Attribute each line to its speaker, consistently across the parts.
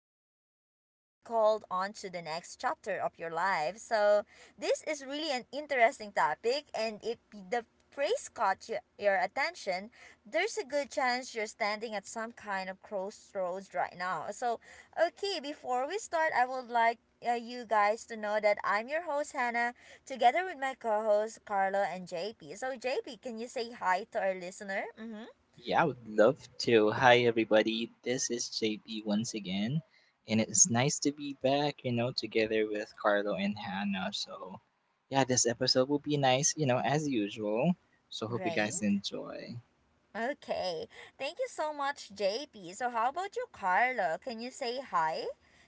Speaker 1: episode is called On to the Next Chapter of Your Life. So, this is really an interesting topic, and if the phrase caught your attention, there's a good chance you're standing at some kind of crossroads right now. So, okay, before we start, I would like you guys to know that I'm your host, Hannah, together with my co hosts, Carlo and JP. So, JP, can you say hi to our listener? Mm-hmm.
Speaker 2: Yeah, I would love to. Hi, everybody. This is JP once again, and it's nice to be back, together with Carlo and Hannah. So, yeah, this episode will be nice, as usual. So, hope you guys
Speaker 1: Great.
Speaker 2: enjoy.
Speaker 1: Okay. Thank you so much, JP. So, how about you, Carlo? Can you say hi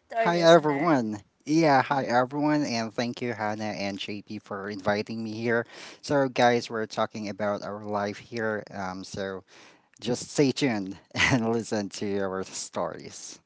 Speaker 1: to our
Speaker 3: Hi
Speaker 1: listener?
Speaker 3: everyone. Yeah, hi everyone, and thank you, Hannah and JP, for inviting me here. So, guys, we're talking about our life here. So just stay tuned and listen to our stories.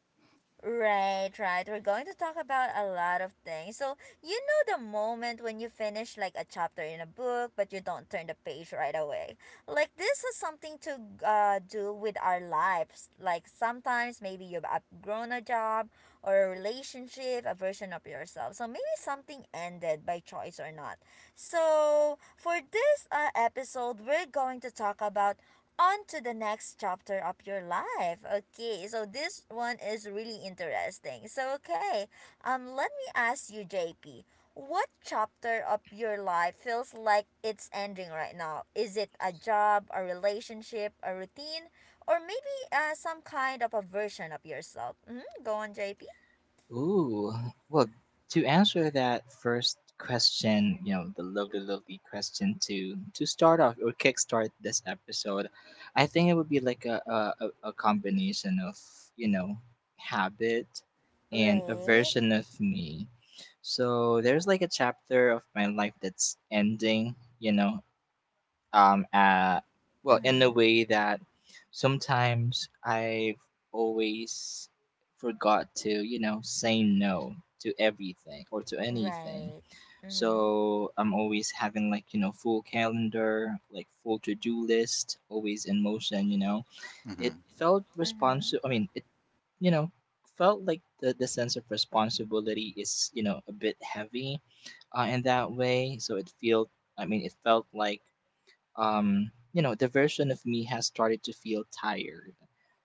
Speaker 1: Right, right. We're going to talk about a lot of things. So, you know the moment when you finish, like, a chapter in a book, but you don't turn the page right away. Like, this has something to do with our lives. Like, sometimes maybe you've outgrown a job or a relationship, a version of yourself. So, maybe something ended by choice or not. So, for this episode, we're going to talk about on to the next chapter of your life. Okay, so this one is really interesting. So, okay, let me ask you, JP, what chapter of your life feels like it's ending right now? Is it a job, a relationship, a routine, or maybe some kind of a version of yourself? Mm-hmm. Go on, JP.
Speaker 2: Ooh, well, to answer that first question, the lovely, lovely question to start off or kickstart this episode, I think it would be like a combination of you know habit and a
Speaker 1: Right.
Speaker 2: version of me. So there's like a chapter of my life that's ending, um uh well, in a
Speaker 1: Mm-hmm.
Speaker 2: way that sometimes I've always forgot to say no to everything or to anything.
Speaker 1: Right.
Speaker 2: So
Speaker 1: Mm-hmm.
Speaker 2: I'm always having like full calendar, like full to-do list, always in motion. It
Speaker 3: hmm
Speaker 2: felt
Speaker 1: Mm-hmm.
Speaker 2: responsible. I mean, it you know felt like the sense of responsibility is a bit heavy in that way, so it felt, I mean, it felt like, the version of me has started to feel tired.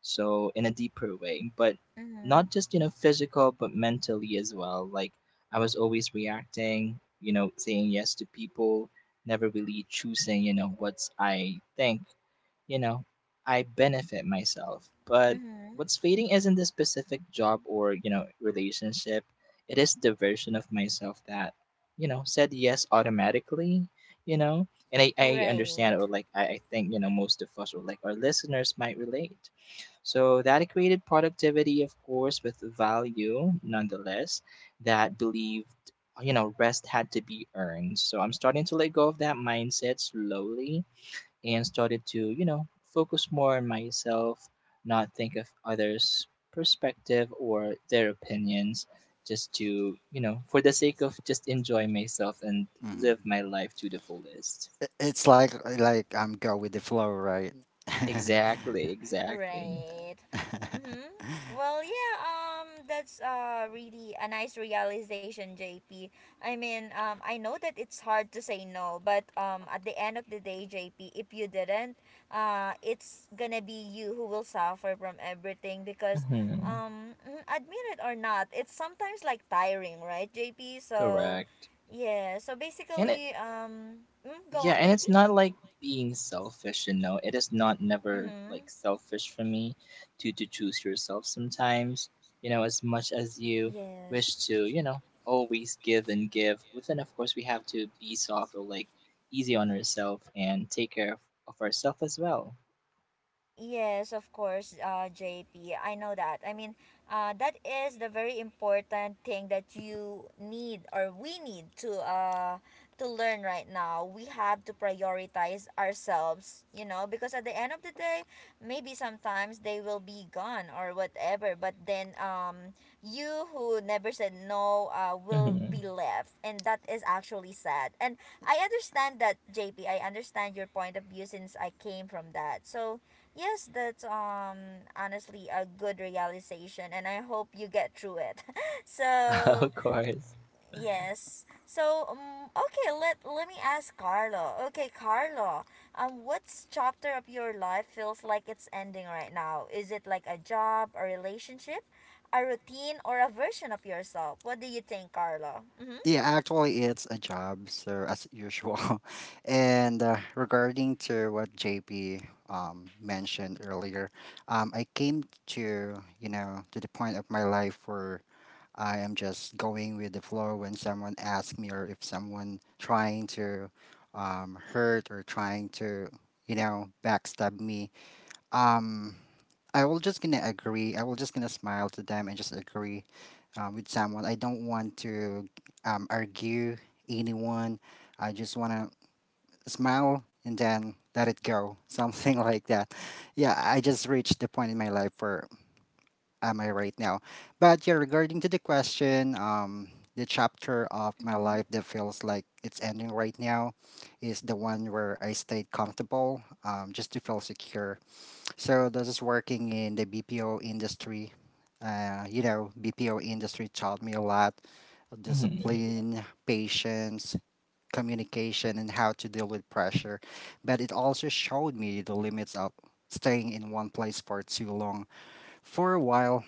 Speaker 2: So, in a deeper way, but
Speaker 1: Mm-hmm.
Speaker 2: not just, physical, but mentally as well. Like, I was always reacting, saying yes to people, never really choosing, what I think, you know, I benefit myself. But
Speaker 1: Mm-hmm.
Speaker 2: what's fading isn't the specific job or, relationship. It is the version of myself that, said yes automatically, you know, and I understand,
Speaker 1: Right.
Speaker 2: or like I think most of us, or like our listeners, might relate, so that equated productivity, of course, with value, nonetheless, that believed rest had to be earned. So I'm starting to let go of that mindset slowly, and started to focus more on myself, not think of others' perspective or their opinions, just to, for the sake of just enjoy myself and live
Speaker 3: hmm
Speaker 2: my life to the fullest.
Speaker 3: It's like I'm go with the flow, right?
Speaker 2: Exactly, exactly.
Speaker 1: Right. Mm-hmm. Well, yeah, that's really a nice realization, J P. I mean, I know that it's hard to say no, but at the end of the day, JP, if you didn't, it's gonna be you who will suffer from everything because
Speaker 2: Hmm.
Speaker 1: admit it or not, it's sometimes like tiring, right, JP? So,
Speaker 2: Correct.
Speaker 1: yeah. So
Speaker 2: And it,
Speaker 1: basically, go
Speaker 2: yeah,
Speaker 1: on,
Speaker 2: and it's
Speaker 1: JP.
Speaker 2: not like being selfish, It is not never
Speaker 1: Mhm.
Speaker 2: like selfish for me to choose yourself sometimes, as much as you wish
Speaker 1: Yes.
Speaker 2: to, always give and give. Within, of course, we have to be soft, or like easy on ourselves, and take care of ourselves as well.
Speaker 1: Yes, of course, J P. I know that. I mean, that is the very important thing that you need or we need to learn right now. We have to prioritize ourselves, you know, because at the end of the day, maybe sometimes they will be gone or whatever. But then, you who never said no, will
Speaker 2: Hmm.
Speaker 1: be left, and that is actually sad. And I understand that, J P. I understand your point of view since I came from that. So, yes, that's honestly a good realization, and I hope you get through it. So,
Speaker 2: Of course.
Speaker 1: yes. So, okay, let me ask Carlo. Okay, Carlo, what's chapter of your life feels like it's ending right now? Is it like a job, a relationship, a routine, or a version of yourself? What do you think, Carlo? Mhm.
Speaker 3: Yeah, actually, it's a job, so as usual. And regarding to what JP mentioned earlier, I came to to the point of my life where I am just going with the flow when someone asks me or if someone trying to hurt or trying to backstab me. Um, I will just gonna agree. I will just gonna smile to them and just agree with someone. I don't want to argue anyone. I just wanna smile and then let it go, something like that. Yeah, I just reached the point in my life where am I right now? But yeah, regarding to the question, the chapter of my
Speaker 1: Mm-hmm.
Speaker 3: life that feels like it's ending right now is the one where I stayed comfortable, just to feel secure, so this is working in the BPO industry. You know, BPO industry taught me a lot of
Speaker 2: Hmm.
Speaker 3: discipline, patience, communication, and how to deal with pressure. But it also showed me the limits of staying in one place for too long. For a while,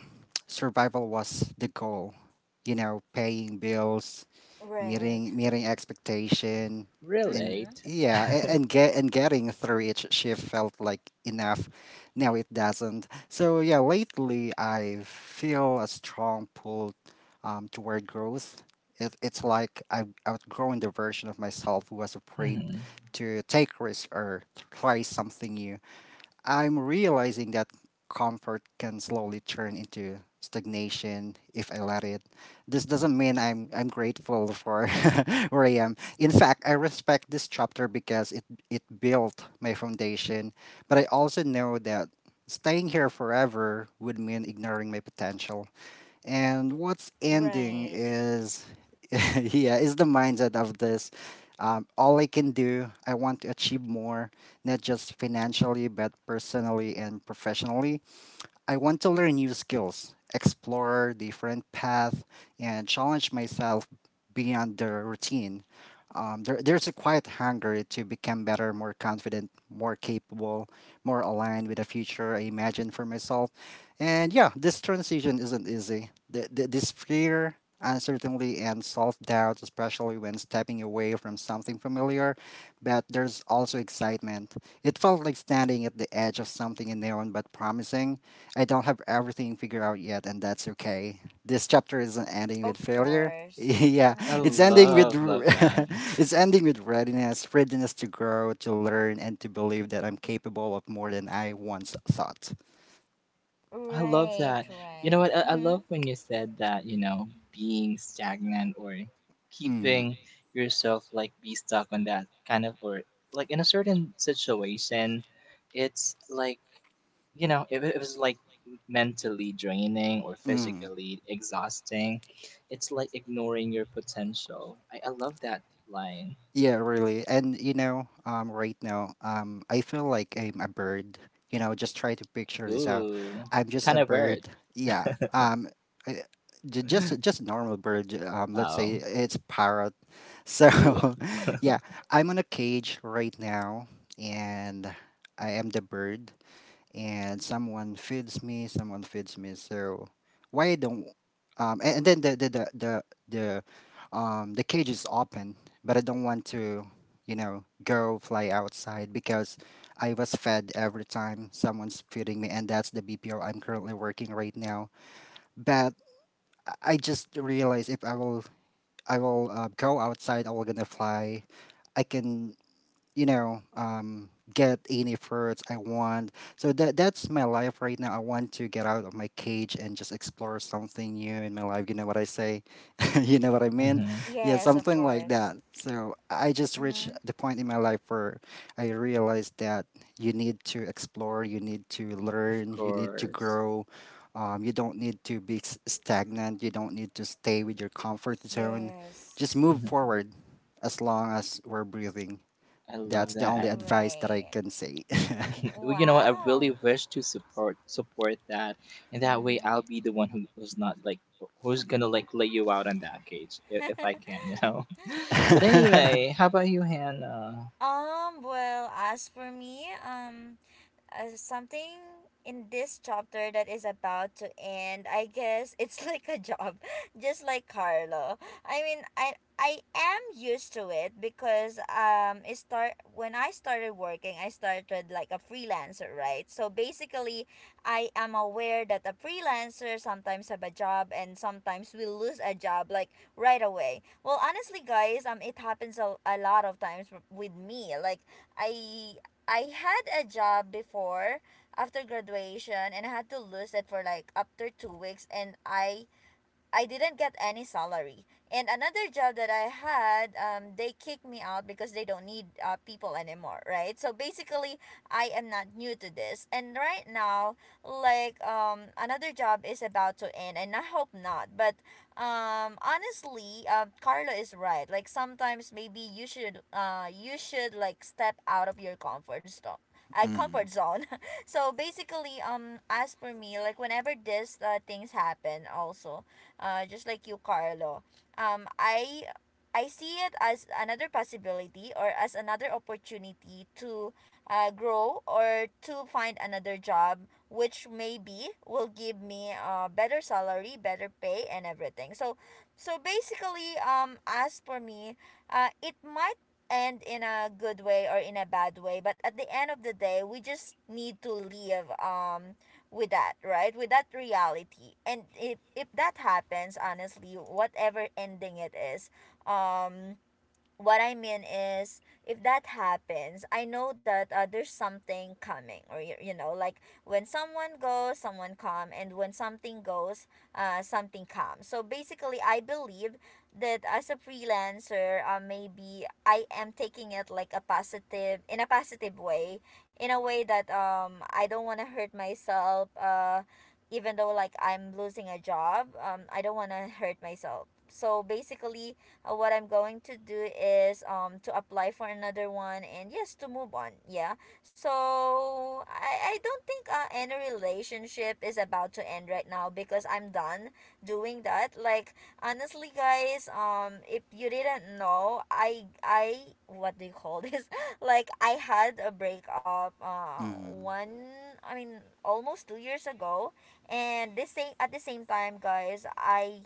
Speaker 3: survival was the goal. You know, paying bills,
Speaker 1: Right.
Speaker 3: meeting expectation, and
Speaker 1: Mhm.
Speaker 2: Relate.
Speaker 3: yeah, and getting through each shift felt like enough. Now it doesn't. So yeah, lately I feel a strong pull toward growth. It's like I've outgrown the version of myself who was afraid
Speaker 2: Hmm.
Speaker 3: to take risks or try something new. I'm realizing that comfort can slowly turn into stagnation if I let it. This doesn't mean I'm grateful for where I am. In fact, I respect this chapter because it built my foundation, but I also know that staying here forever would mean ignoring my potential. And what's ending
Speaker 1: Right.
Speaker 3: is yeah, is the mindset of this. All I can do, I want to achieve more, not just financially, but personally and professionally. I want to learn new skills, explore different paths, and challenge myself beyond the routine. There's a quiet hunger to become better, more confident, more capable, more aligned with the future I imagine for myself. And yeah, this transition isn't easy. This fear, uncertainty, and self doubt, especially when stepping away from something familiar, but there's also excitement. It felt like standing at the edge of something unknown but promising. I don't have everything figured out yet, and that's okay. This chapter isn't ending with
Speaker 1: Of
Speaker 3: failure.
Speaker 1: course.
Speaker 3: Yeah,
Speaker 2: I
Speaker 3: it's
Speaker 1: Mhm.
Speaker 3: ending with
Speaker 2: love,
Speaker 3: r-
Speaker 2: love that.
Speaker 3: it's ending with readiness, readiness to grow, to learn, and to believe that I'm capable of more than I once thought.
Speaker 2: I love
Speaker 1: Right,
Speaker 2: that. You
Speaker 1: right.
Speaker 2: know what? I
Speaker 1: Mm-hmm.
Speaker 2: love when you said that, being stagnant or
Speaker 3: Mm,
Speaker 2: keeping yourself like be stuck on that kind of, or like in a certain situation. It's like, if it was like mentally draining or
Speaker 3: mm.
Speaker 2: physically exhausting, it's like ignoring your potential. I love that line.
Speaker 3: Yeah, really. And you know, right now, I feel like I'm a bird. You know, just try to picture this out.
Speaker 2: Ooh,
Speaker 3: I'm
Speaker 2: what
Speaker 3: just
Speaker 2: kind
Speaker 3: a
Speaker 2: of
Speaker 3: bird.
Speaker 2: word?
Speaker 3: Yeah. I, j- just just a normal bird. Let's
Speaker 2: Oh,
Speaker 3: say it's parrot. So,
Speaker 2: ooh.
Speaker 3: yeah, I'm on a cage right now, and I am the bird and someone feeds me. So why don't and then the the cage is open, but I don't want to, you know, go fly outside because I was fed every time someone's feeding me, and that's the BPO I'm currently working right now. But I just realized if I will go outside, I will gonna fly. I can, you know, get any fruits I want. So that's my life right now. I want to get out of my cage and just explore something new in my life. You know what I say? You know what I mean?
Speaker 2: Hmm.
Speaker 3: Yeah,
Speaker 1: Yes, of
Speaker 3: something like
Speaker 1: course.
Speaker 3: that. So I just reached
Speaker 1: Mm-hmm.
Speaker 3: the point in my life where I realized that you need to explore, you need to
Speaker 2: Of
Speaker 3: learn, you need to
Speaker 2: course.
Speaker 3: grow. You don't need to be stagnant, you don't need to stay with your comfort zone.
Speaker 1: Yes.
Speaker 3: Just move
Speaker 2: Mm-hmm.
Speaker 3: forward as long as we're breathing.
Speaker 2: I love
Speaker 3: That's the only
Speaker 2: that.
Speaker 3: advice that I
Speaker 1: Right.
Speaker 3: can say.
Speaker 2: Well, you know what, I really
Speaker 1: Wow.
Speaker 2: wish to support that, and that way I'll
Speaker 1: Mm-hmm.
Speaker 2: be the one who's not like, who's gonna like lay you out on that cage if I can, But anyway, how about you, Hannah?
Speaker 1: Well, as for me, something in this chapter that is about to end, I guess, it's like a job, just like Carlo. I mean, I am used to it because it start when I started working. I started like a freelancer, right? So basically, I am aware that a freelancer sometimes have a job and sometimes we lose a job, like, right away. Well, honestly, guys, it happens a lot of times with me, like, i I had a job before after graduation, and I had to lose it for, like, after 2 weeks, and I didn't get any salary. And another job that I had, they kicked me out because they don't need people anymore, right? So basically, I am not new to this. And right now, like, another job is about to end, and I hope not. But honestly, Carlo is right. Like, sometimes maybe you should like step out of your comfort zone. I
Speaker 3: Mm-hmm.
Speaker 1: comfort zone. So basically, as for me, like, whenever this things happen, also, just like you, Carlo. Um, I I see it as another possibility or as another opportunity to grow or to find another job, which maybe will give me a better salary, better pay, and everything. So, so basically, as for me, it might end in a good way or in a bad way, but at the end of the day, we just need to live. With that, right? With that reality. And if that happens, honestly, whatever ending it is, um what I mean is, if that happens, I know that there's something coming, or you know, like when someone goes, someone come, and when something goes, something comes. So basically, I believe that as a freelancer, maybe I am taking it like a positive, in a positive way, in a way that I don't want to hurt myself. Even though like I'm losing a job, I don't want to hurt myself. So basically, what I'm going to do is to apply for another one and yes to move on. Yeah. So I don't think any relationship is about to end right now because I'm done doing that. Like, honestly, guys, if you didn't know, I what do you call this? Like, I had a breakup,
Speaker 3: Mm-hmm.
Speaker 1: one, I mean, almost 2 years ago, and this same at the same time, guys, I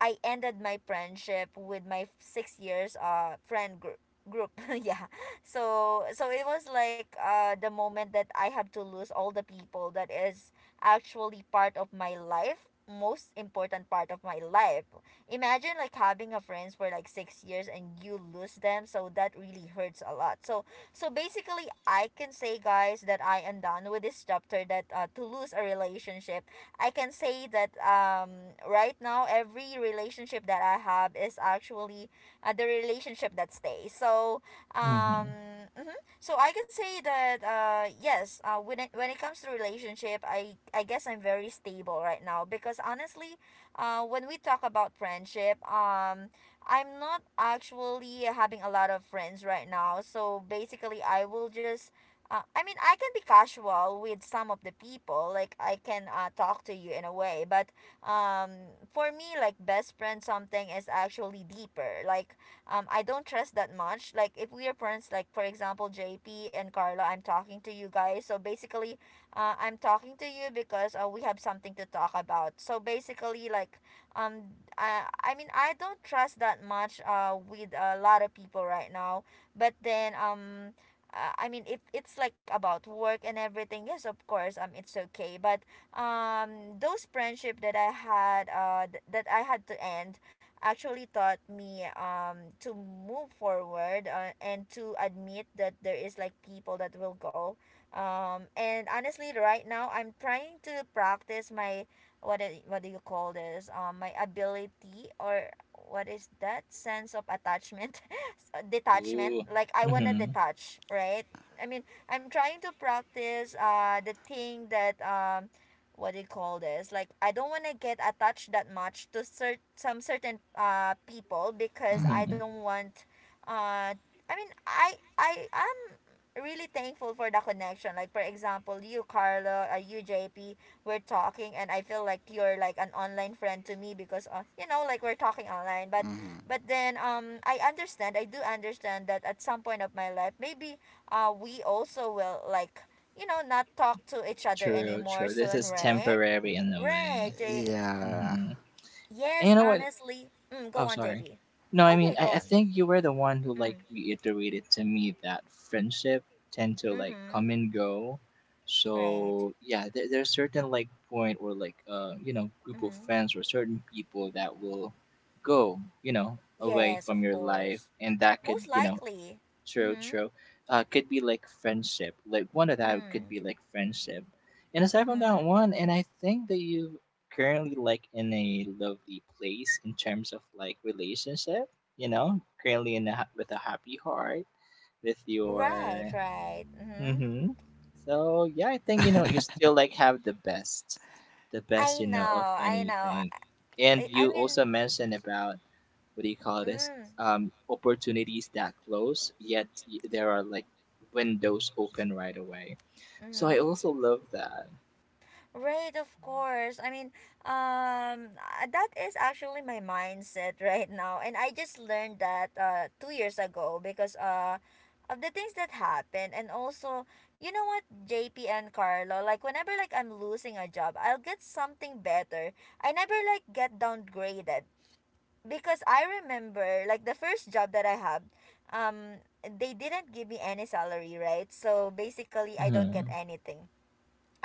Speaker 1: I ended my friendship with my 6 years friend group. Yeah. So, it was like the moment that I have to lose all the people that is actually part of my life, most important part of my life. Imagine like having a friends for like 6 years and you lose them. So that really hurts a lot. So, basically, I can say, guys, that I am done with this chapter that, to lose a relationship. I can say that right now every relationship that I have is actually the relationship that stays. So,
Speaker 2: Mm-hmm.
Speaker 1: mhm. So I can say that yes, when it comes to relationship, I guess I'm very stable right now because honestly, when we talk about friendship, I'm not actually having a lot of friends right now. So basically, I will just, I mean, I can be casual with some of the people. Like, I can talk to you in a way. But um, for me, like, best friend something is actually deeper. Like, I don't trust that much. Like, if we are friends, like, for example, JP and Carla, I'm talking to you guys. So basically, I'm talking to you because we have something to talk about. So basically, like, um, I mean, I don't trust that much with a lot of people right now. But then, I mean, if it's like about work and everything, yes, of course, it's okay. But those friendship that I had, that I had to end, actually taught me to move forward, and to admit that there is like people that will go. And honestly, right now I'm trying to practice my— what do you call this? My ability, or what is that sense of attachment detachment,
Speaker 2: Ooh.
Speaker 1: like, I want to
Speaker 2: Mm-hmm.
Speaker 1: detach, right? I mean, I'm trying to practice the thing that, what do you call this, like, I don't want to get attached that much to some certain people because I
Speaker 2: Mm-hmm.
Speaker 1: don't want, uh I mean, I really thankful for the connection. Like, for example, you Carlo, you JP, we're talking, and I feel like you're like an online friend to me because, you know, like we're talking online. But
Speaker 3: Mm-hmm.
Speaker 1: but then, I understand. I do understand that at some point of my life, maybe we also will, like, you know, not talk to each other
Speaker 2: True.
Speaker 1: anymore
Speaker 2: True. This
Speaker 1: soon,
Speaker 2: is
Speaker 1: right?
Speaker 2: temporary in a
Speaker 1: Right.
Speaker 2: way.
Speaker 3: Yeah.
Speaker 2: Mm-hmm. And you
Speaker 1: Yes,
Speaker 2: know what?
Speaker 1: honestly. Mm, go
Speaker 2: Oh,
Speaker 1: on,
Speaker 2: sorry.
Speaker 1: JP.
Speaker 2: No, I
Speaker 1: Okay,
Speaker 2: mean,
Speaker 1: go
Speaker 2: I
Speaker 1: on.
Speaker 2: think you were the one who like
Speaker 1: Mm.
Speaker 2: reiterated to me that friendship tend to like
Speaker 1: Mm-hmm.
Speaker 2: come and go.
Speaker 1: Right.
Speaker 2: So yeah, there's certain like point, or like group of
Speaker 1: Mm-hmm.
Speaker 2: friends or certain people that will go, away
Speaker 1: Yes,
Speaker 2: from
Speaker 1: of
Speaker 2: your life,
Speaker 1: course.
Speaker 2: and that could,
Speaker 1: Most likely.
Speaker 2: True,
Speaker 1: Mm-hmm.
Speaker 2: true. Could be like friendship. Like, one of that could
Speaker 1: Mm.
Speaker 2: be like friendship. And aside from
Speaker 1: Mm-hmm.
Speaker 2: that one, and I think that you currently like in a lovely place in terms of like relationship. Currently in with a happy heart with
Speaker 1: Right,
Speaker 2: your.
Speaker 1: right. Mm-hmm.
Speaker 2: Mm-hmm. So yeah, I think you still like have the best
Speaker 1: I know,
Speaker 2: of
Speaker 1: I know.
Speaker 2: anything, and
Speaker 1: I
Speaker 2: you
Speaker 1: mean,
Speaker 2: also mentioned about, what do you call this?
Speaker 1: mm,
Speaker 2: Opportunities that close, yet there are like windows open right away. So I
Speaker 1: mm-hmm.
Speaker 2: also love that.
Speaker 1: Right, of course. I mean, that is actually my mindset right now, and I just learned that 2 years ago because of the things that happened, and also, you know what, JP and Carlo, like, whenever like I'm losing a job, I'll get something better. I never like get downgraded. Because I remember, like, the first job that I had, um, they didn't give me any salary, right? So basically, I don't get
Speaker 2: Mm-hmm.
Speaker 1: anything.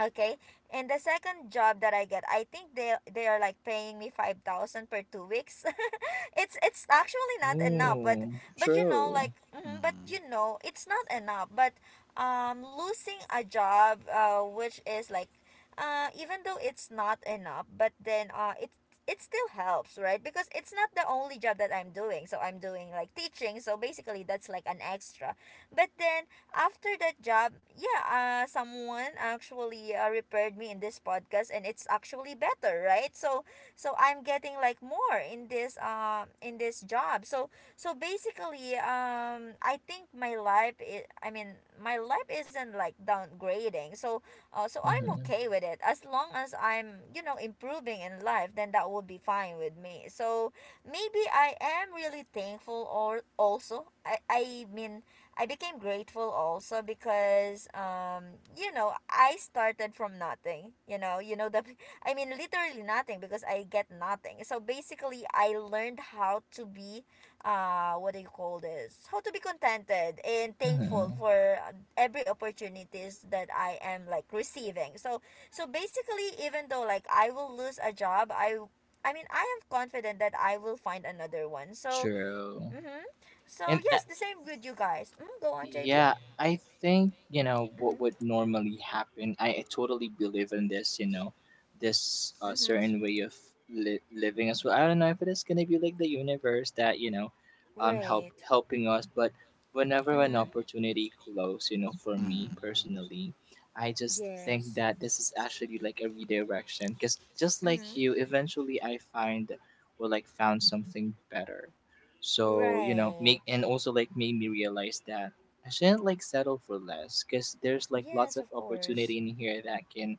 Speaker 1: Okay. And the second job that I get, I think they are like paying me 5,000 per 2 weeks. It's actually not enough, but
Speaker 2: Ooh,
Speaker 1: but you know like
Speaker 2: true.
Speaker 1: mhm, but you know it's not enough, but losing a job which is like even though it's not enough, but then it still helps, right? Because it's not the only job that I'm doing. So I'm doing like teaching, so basically that's like an extra. But then after that job, yeah, someone actually repaired me in this podcast, and it's actually better, right? So, so I'm getting like more in this job. So, so basically, I think my life, my life isn't like downgrading. So, so I'm
Speaker 2: Mm-hmm.
Speaker 1: okay with it as long as I'm you know improving in life. Then that would be fine with me. So, maybe I am really thankful or also I mean I became grateful also because you know I started from nothing you know you know the I mean literally nothing because I get nothing, so basically I learned how to be what do you call this, how to be contented and thankful
Speaker 2: Mm-hmm.
Speaker 1: for every opportunities that I am like receiving. So so basically, even though like I will lose a job, I mean I am confident that I will find another one. So
Speaker 2: True.
Speaker 1: mm-hmm. So
Speaker 2: And I
Speaker 1: yes, the same with you guys. Mm, go on, JP.
Speaker 2: Yeah, I think, what would
Speaker 1: Mm-hmm.
Speaker 2: normally happen, I totally believe in this, this
Speaker 1: Mm-hmm.
Speaker 2: certain way of living as well. I don't know if it is going to be like the universe that, help
Speaker 1: Great.
Speaker 2: helping us, but whenever an
Speaker 1: Mm-hmm.
Speaker 2: opportunity close, for me
Speaker 3: Mm-hmm.
Speaker 2: personally, I just think
Speaker 1: Yes.
Speaker 2: that this is actually like a redirection, because just like
Speaker 1: Mm-hmm.
Speaker 2: you, eventually I find or like found something better. So, make
Speaker 1: Right.
Speaker 2: and also like made me realize that I shouldn't like settle for less, because there's like lots
Speaker 1: Yes,
Speaker 2: of
Speaker 1: of course.
Speaker 2: opportunity in here that can,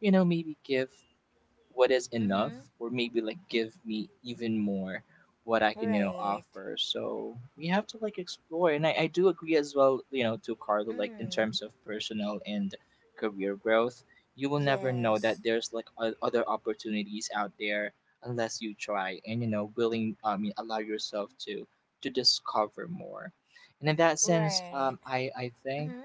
Speaker 2: maybe give what is enough,
Speaker 1: Mm-hmm.
Speaker 2: or maybe like give me even more what I can,
Speaker 1: Right.
Speaker 2: offer. So we have to like explore. And I do agree as well, to Carlo, like, in
Speaker 1: Mm.
Speaker 2: terms of personal and career growth, you will never know
Speaker 1: Yes.
Speaker 2: that there's like other opportunities out there unless you try and, willing, I mean, allow yourself to discover more. And in that sense,
Speaker 1: Right.
Speaker 2: I think
Speaker 1: Mm-hmm.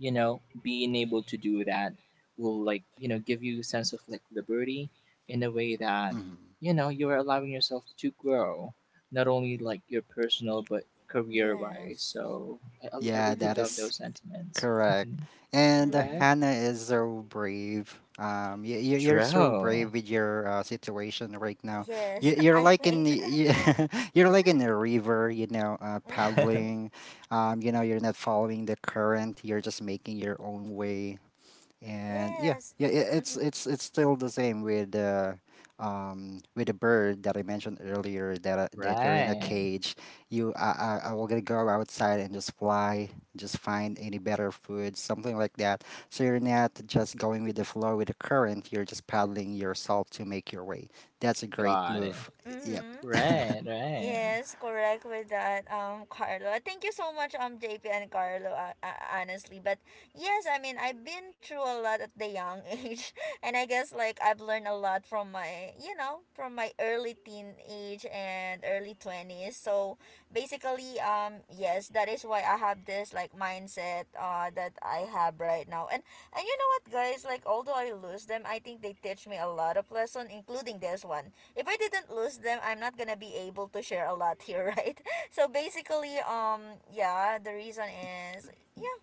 Speaker 2: being able to do that will like give you a sense of like liberty, in a way that
Speaker 3: Mm-hmm.
Speaker 2: you're allowing yourself to grow, not only like your personal but career wise.
Speaker 1: Yes.
Speaker 2: So I
Speaker 3: Yeah,
Speaker 2: really
Speaker 3: that
Speaker 1: Mm-hmm.
Speaker 2: love
Speaker 3: is
Speaker 2: those sentiments.
Speaker 3: correct.
Speaker 2: Mhm.
Speaker 3: And
Speaker 1: Mm-hmm.
Speaker 2: Right.
Speaker 3: Hannah is so brave. You you're so
Speaker 2: True.
Speaker 3: brave with your situation right now.
Speaker 1: Yes,
Speaker 3: You're
Speaker 1: I
Speaker 3: like in the,
Speaker 1: think.
Speaker 3: you're like in a river, you know,
Speaker 1: Mm-hmm.
Speaker 3: paddling. You know, you're not following the current. You're just making your own way. And yeah,
Speaker 1: Yes.
Speaker 3: it's
Speaker 1: Mm-hmm.
Speaker 3: it's still the same with the bird that I mentioned earlier, that that you're in a
Speaker 2: Right.
Speaker 3: cage. You I, I i will gonna go outside and just fly, just find any better food, something like that. So you're not just going with the flow with the current, you're just paddling yourself to make your way. That's a great
Speaker 2: Got it.
Speaker 3: move. Yeah.
Speaker 1: Mm-hmm.
Speaker 2: Right, right.
Speaker 1: Yes, correct with that, Carlo. Thank you so much, JP and Carlo, honestly. But yes, I mean, I've been through a lot at the young age, and I guess like I've learned a lot from my, you know, from my early teen age and early 20s. So basically, yes, that is why I have this like mindset, that I have right now. And you know what, guys, like although I lose them, I think they teach me a lot of lesson, including this one. If I didn't lose them, I'm not gonna be able to share a lot here, right? So basically, yeah, the reason is, yeah,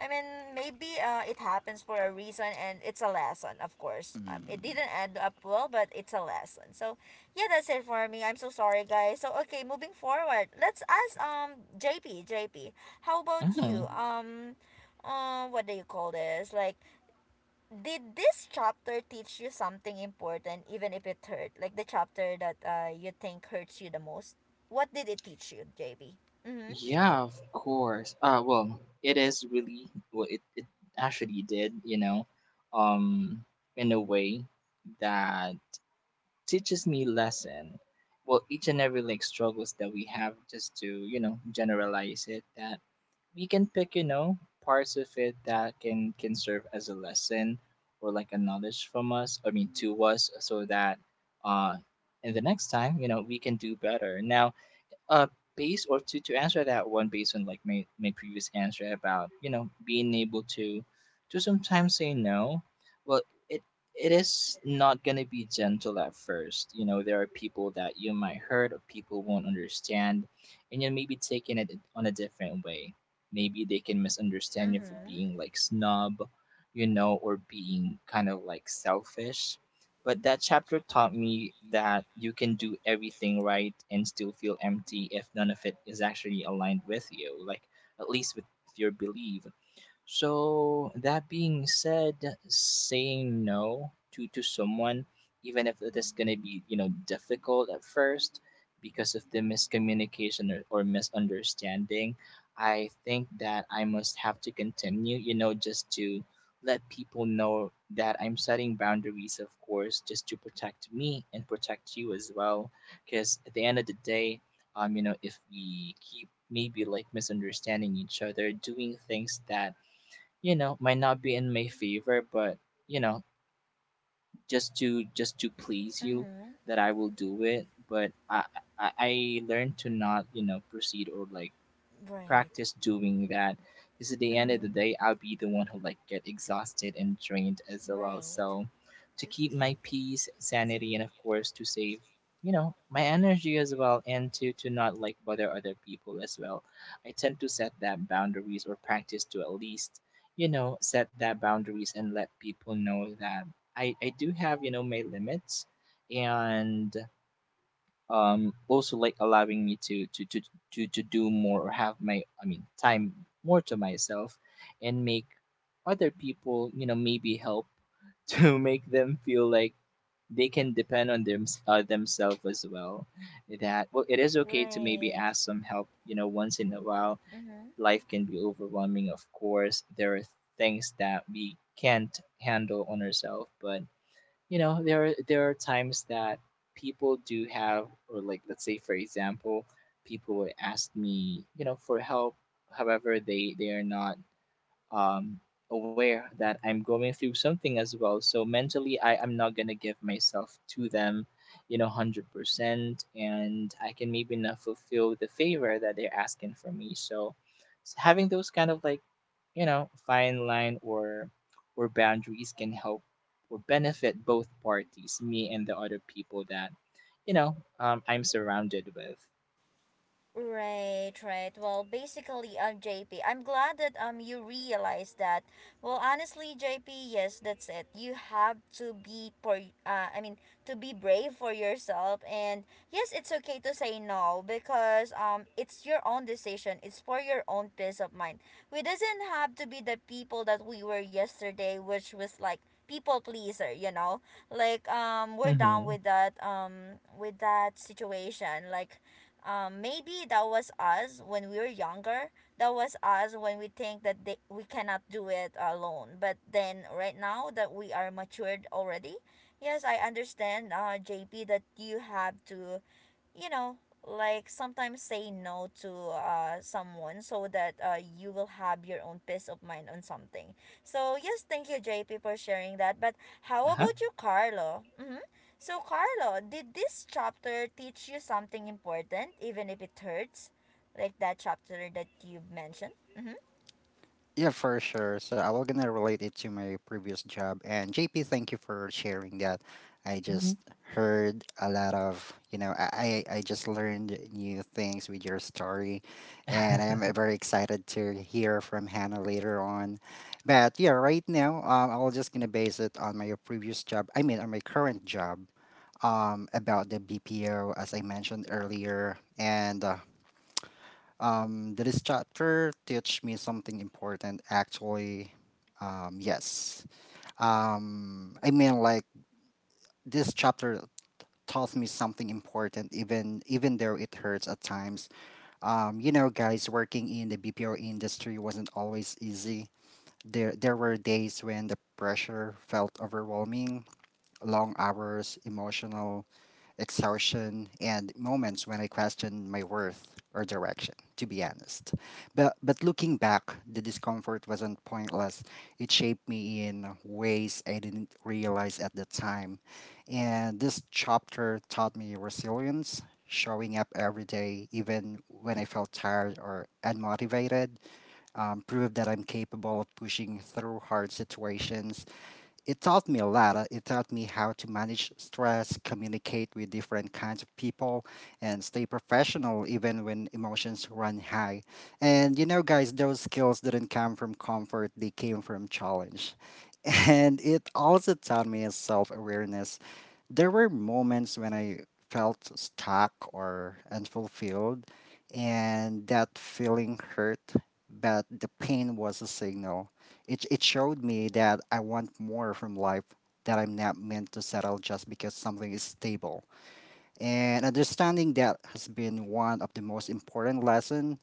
Speaker 1: I mean, maybe it happens for a reason and it's a lesson, of course. It didn't end up well, but it's a lesson. So, yeah, that's it for me. I'm so sorry, guys. So, okay, moving forward, let's ask JP, JP, how about you?
Speaker 2: Mhm.
Speaker 1: What do you call this? Like, did this chapter teach you something important, even if it hurt? Like the chapter that you think hurts you the most, what did it teach you, jb mm-hmm.
Speaker 2: Yeah, of course. Well, it is really, well, it actually did, um, in a way that teaches me lesson. Well, each and every like struggles that we have, just to generalize it, that we can pick parts of it that can serve as a lesson, or like a knowledge from us. I mean, to us, so that, uh, in the next time, we can do better. Now, uh base or to answer that one based on like my previous answer about being able to sometimes say no. Well, it it is not gonna be gentle at first. There are people that you might hurt, or people won't understand, and you may be taking it on a different way. Maybe they can misunderstand you for
Speaker 1: Mm-hmm.
Speaker 2: being like snob, or being kind of like selfish. But that chapter taught me that you can do everything right and still feel empty if none of it is actually aligned with you, like at least with your belief. So that being said, saying no to someone, even if it is gonna be difficult at first, because of the miscommunication, or misunderstanding, I think that I must have to continue. Just to let people know that I'm setting boundaries, of course, just to protect me and protect you as well. Because at the end of the day, if we keep maybe like misunderstanding each other, doing things that might not be in my favor, but you know just to please you,
Speaker 1: Mm-hmm.
Speaker 2: that I will do it. But I learned to not proceed, or like
Speaker 1: Right.
Speaker 2: practice doing that, because at the end of
Speaker 1: Mm-hmm.
Speaker 2: the day, I'll be the one who like get exhausted and drained as well.
Speaker 1: Right,
Speaker 2: So to keep my peace, sanity, and of course, to save, my energy as well, and to not like bother other people as well, I tend to set that boundaries, or practice to at least, set that boundaries, and let people know that I do have, my limits. And also like allowing me to do more, or have my I mean, time more to myself, and make other people, maybe help, to make them feel like they can depend on themselves as well, that, well, it is okay to maybe
Speaker 1: right.
Speaker 2: ask some help, once in a while.
Speaker 1: Mm-hmm.
Speaker 2: Life can be overwhelming, of course. There are things that we can't handle on ourselves, but there are times that people do have, or like let's say for example, people would ask me, for help. However, they are not, um, aware that I'm going through something as well. So mentally, I am not gonna give myself to them, 100%, and I can maybe not fulfill the favor that they're asking for me. So having those kind of like, fine line, or boundaries, can help or benefit both parties, me and the other people that, I'm surrounded with.
Speaker 1: Right, right. Well, basically, JP, I'm glad that you realize that. Well, honestly, JP, yes, that's it. You have to be for uh, I mean, to be brave for yourself, and yes, it's okay to say no because it's your own decision. It's for your own peace of mind. We doesn't have to be the people that we were yesterday, which was like people pleaser, you know, like we're down
Speaker 2: Mm-hmm.
Speaker 1: with that situation, like maybe that was us when we were younger. That was us when we think that we cannot do it alone. But then right now that we are matured already, yes, I understand, JP, that you have to you know like sometimes say no to someone so that you will have your own peace of mind on something. So yes, thank you, JP, for sharing that. But
Speaker 2: Uh
Speaker 1: how
Speaker 2: huh.
Speaker 1: about you, Carlo? Mm-hmm. So Carlo, did this chapter teach you something important, even if it hurts? Like that chapter that you mentioned. Mm-hmm.
Speaker 3: Yeah, for sure. So I will gonna relate it to my previous job. And JP, thank you for sharing that. I
Speaker 2: Hmm.
Speaker 3: just heard a lot of I just learned new things with your story, and I am very excited to hear from Hannah later on. But yeah, right now I will just gonna base it on my previous job. I mean on my current job. About the BPO as I mentioned earlier, and did this chapter teach me something important? Actually, yes. I mean, like this chapter taught me something important, even though it hurts at times. You know, guys, working in the BPO industry wasn't always easy. There were days when the pressure felt overwhelming, long hours, emotional exhaustion, and moments when I questioned my worth or direction, to be honest. But looking back, the discomfort wasn't pointless. It shaped me in ways I didn't realize at the time. And this chapter taught me resilience, showing up every day, even when I felt tired or unmotivated, proved that I'm capable of pushing through hard situations. It taught me a lot. It taught me how to manage stress, communicate with different kinds of people, and stay professional even when emotions run high. And you know, guys, those skills didn't come from comfort, they came from challenge. And it also taught me self awareness. There were moments when I felt stuck or unfulfilled, and that feeling hurt, but the pain was a signal. It showed me that I want more from life, that I'm not meant to settle just because something is stable. And understanding that has been one of the most important lessons.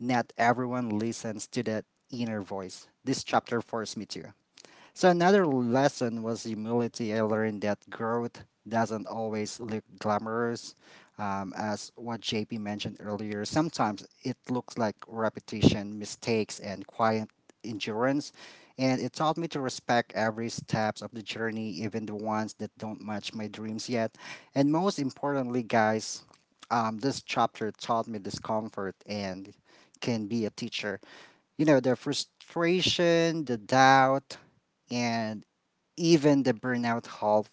Speaker 3: Not everyone listens to that inner voice. This chapter forced me to. So another lesson was humility. I learned that growth doesn't always look glamorous. As what JP mentioned earlier, sometimes it looks like repetition, mistakes, and quiet endurance. And it taught me to respect every steps of the journey, even the ones that don't match my dreams yet. And most importantly, guys, this chapter taught me discomfort and can be a teacher. You know, the frustration, the doubt, and even the burnout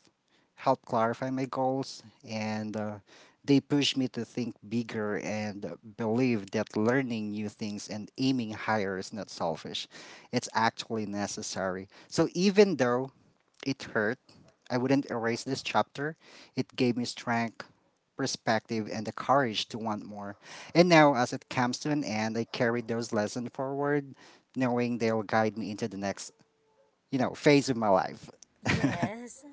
Speaker 3: helped clarify my goals, and they pushed me to think bigger and believe that learning new things and aiming higher is not selfish, it's actually necessary. So even though it hurt, I wouldn't erase this chapter. It gave me strength, perspective, and the courage to want more. And now, as it comes to an end, I carry those lessons forward, knowing they'll guide me into the next, you know, phase of my life.
Speaker 1: Yes.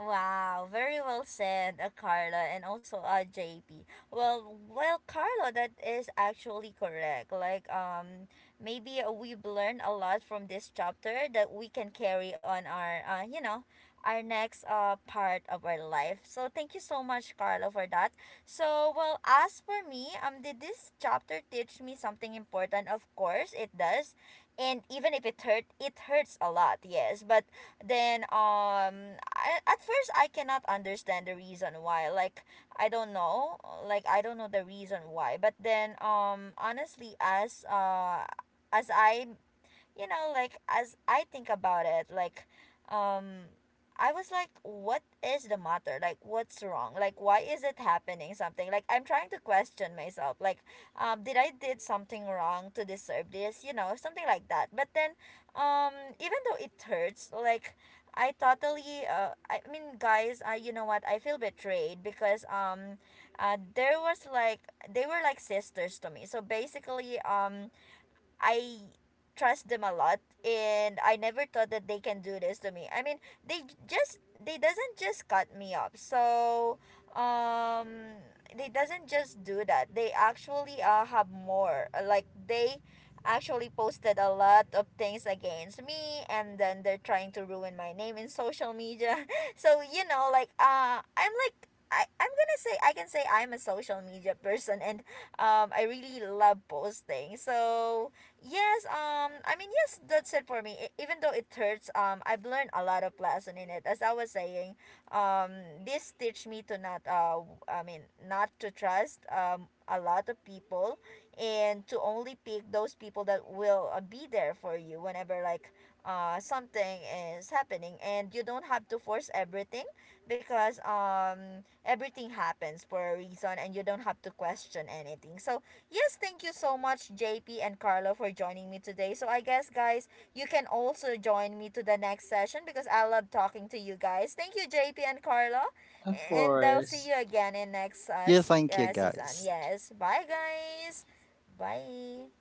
Speaker 1: Wow, very well said, Carla, and also JP. Well, well, Carla, that is actually correct. Like, maybe we've learned a lot from this chapter that we can carry on our, you know, our next part of our life. So thank you so much, Carla, for that. So, well, as for me, did this chapter teach me something important? Of course, it does, and even if it hurt, it hurts a lot. Yes, but then at first I cannot understand the reason why, like I don't know, like I don't know the reason why. But then honestly, as I you know, like as I think about it, like um I was like, what is the matter? Like, what's wrong? Like, why is it happening something? Like, I'm trying to question myself. Like did I did something wrong to deserve this? You know, something like that. But then um even though it hurts, like I totally guys, I, you know what? I feel betrayed because there was like they were like sisters to me. So basically I trust them a lot, and I never thought that they can do this to me. I mean, they doesn't just cut me up. So, um they doesn't just do that. They actually have more. Like they actually posted a lot of things against me, and then they're trying to ruin my name in social media. So, you know, like I'm gonna say I can say I'm a social media person, and I really love posting. So yes, yes, that's it for me. Even though it hurts, I've learned a lot of lesson in it. As I was saying, um, this teach me to not, not to trust, a lot of people, and to only pick those people that will be there for you whenever, like, something is happening, and you don't have to force everything because, everything happens for a reason and you don't have to question anything. So, yes, thank you so much, JP and Carlo, for joining me today. So I guess, guys, you can also join me to the next session because I love talking to you guys. Thank you, JP and Carlo.
Speaker 2: Of
Speaker 1: And I'll see
Speaker 2: course.
Speaker 1: you again in next
Speaker 3: Yeah, thank you
Speaker 1: season.
Speaker 3: guys.
Speaker 1: Yes. Bye, guys. Bye.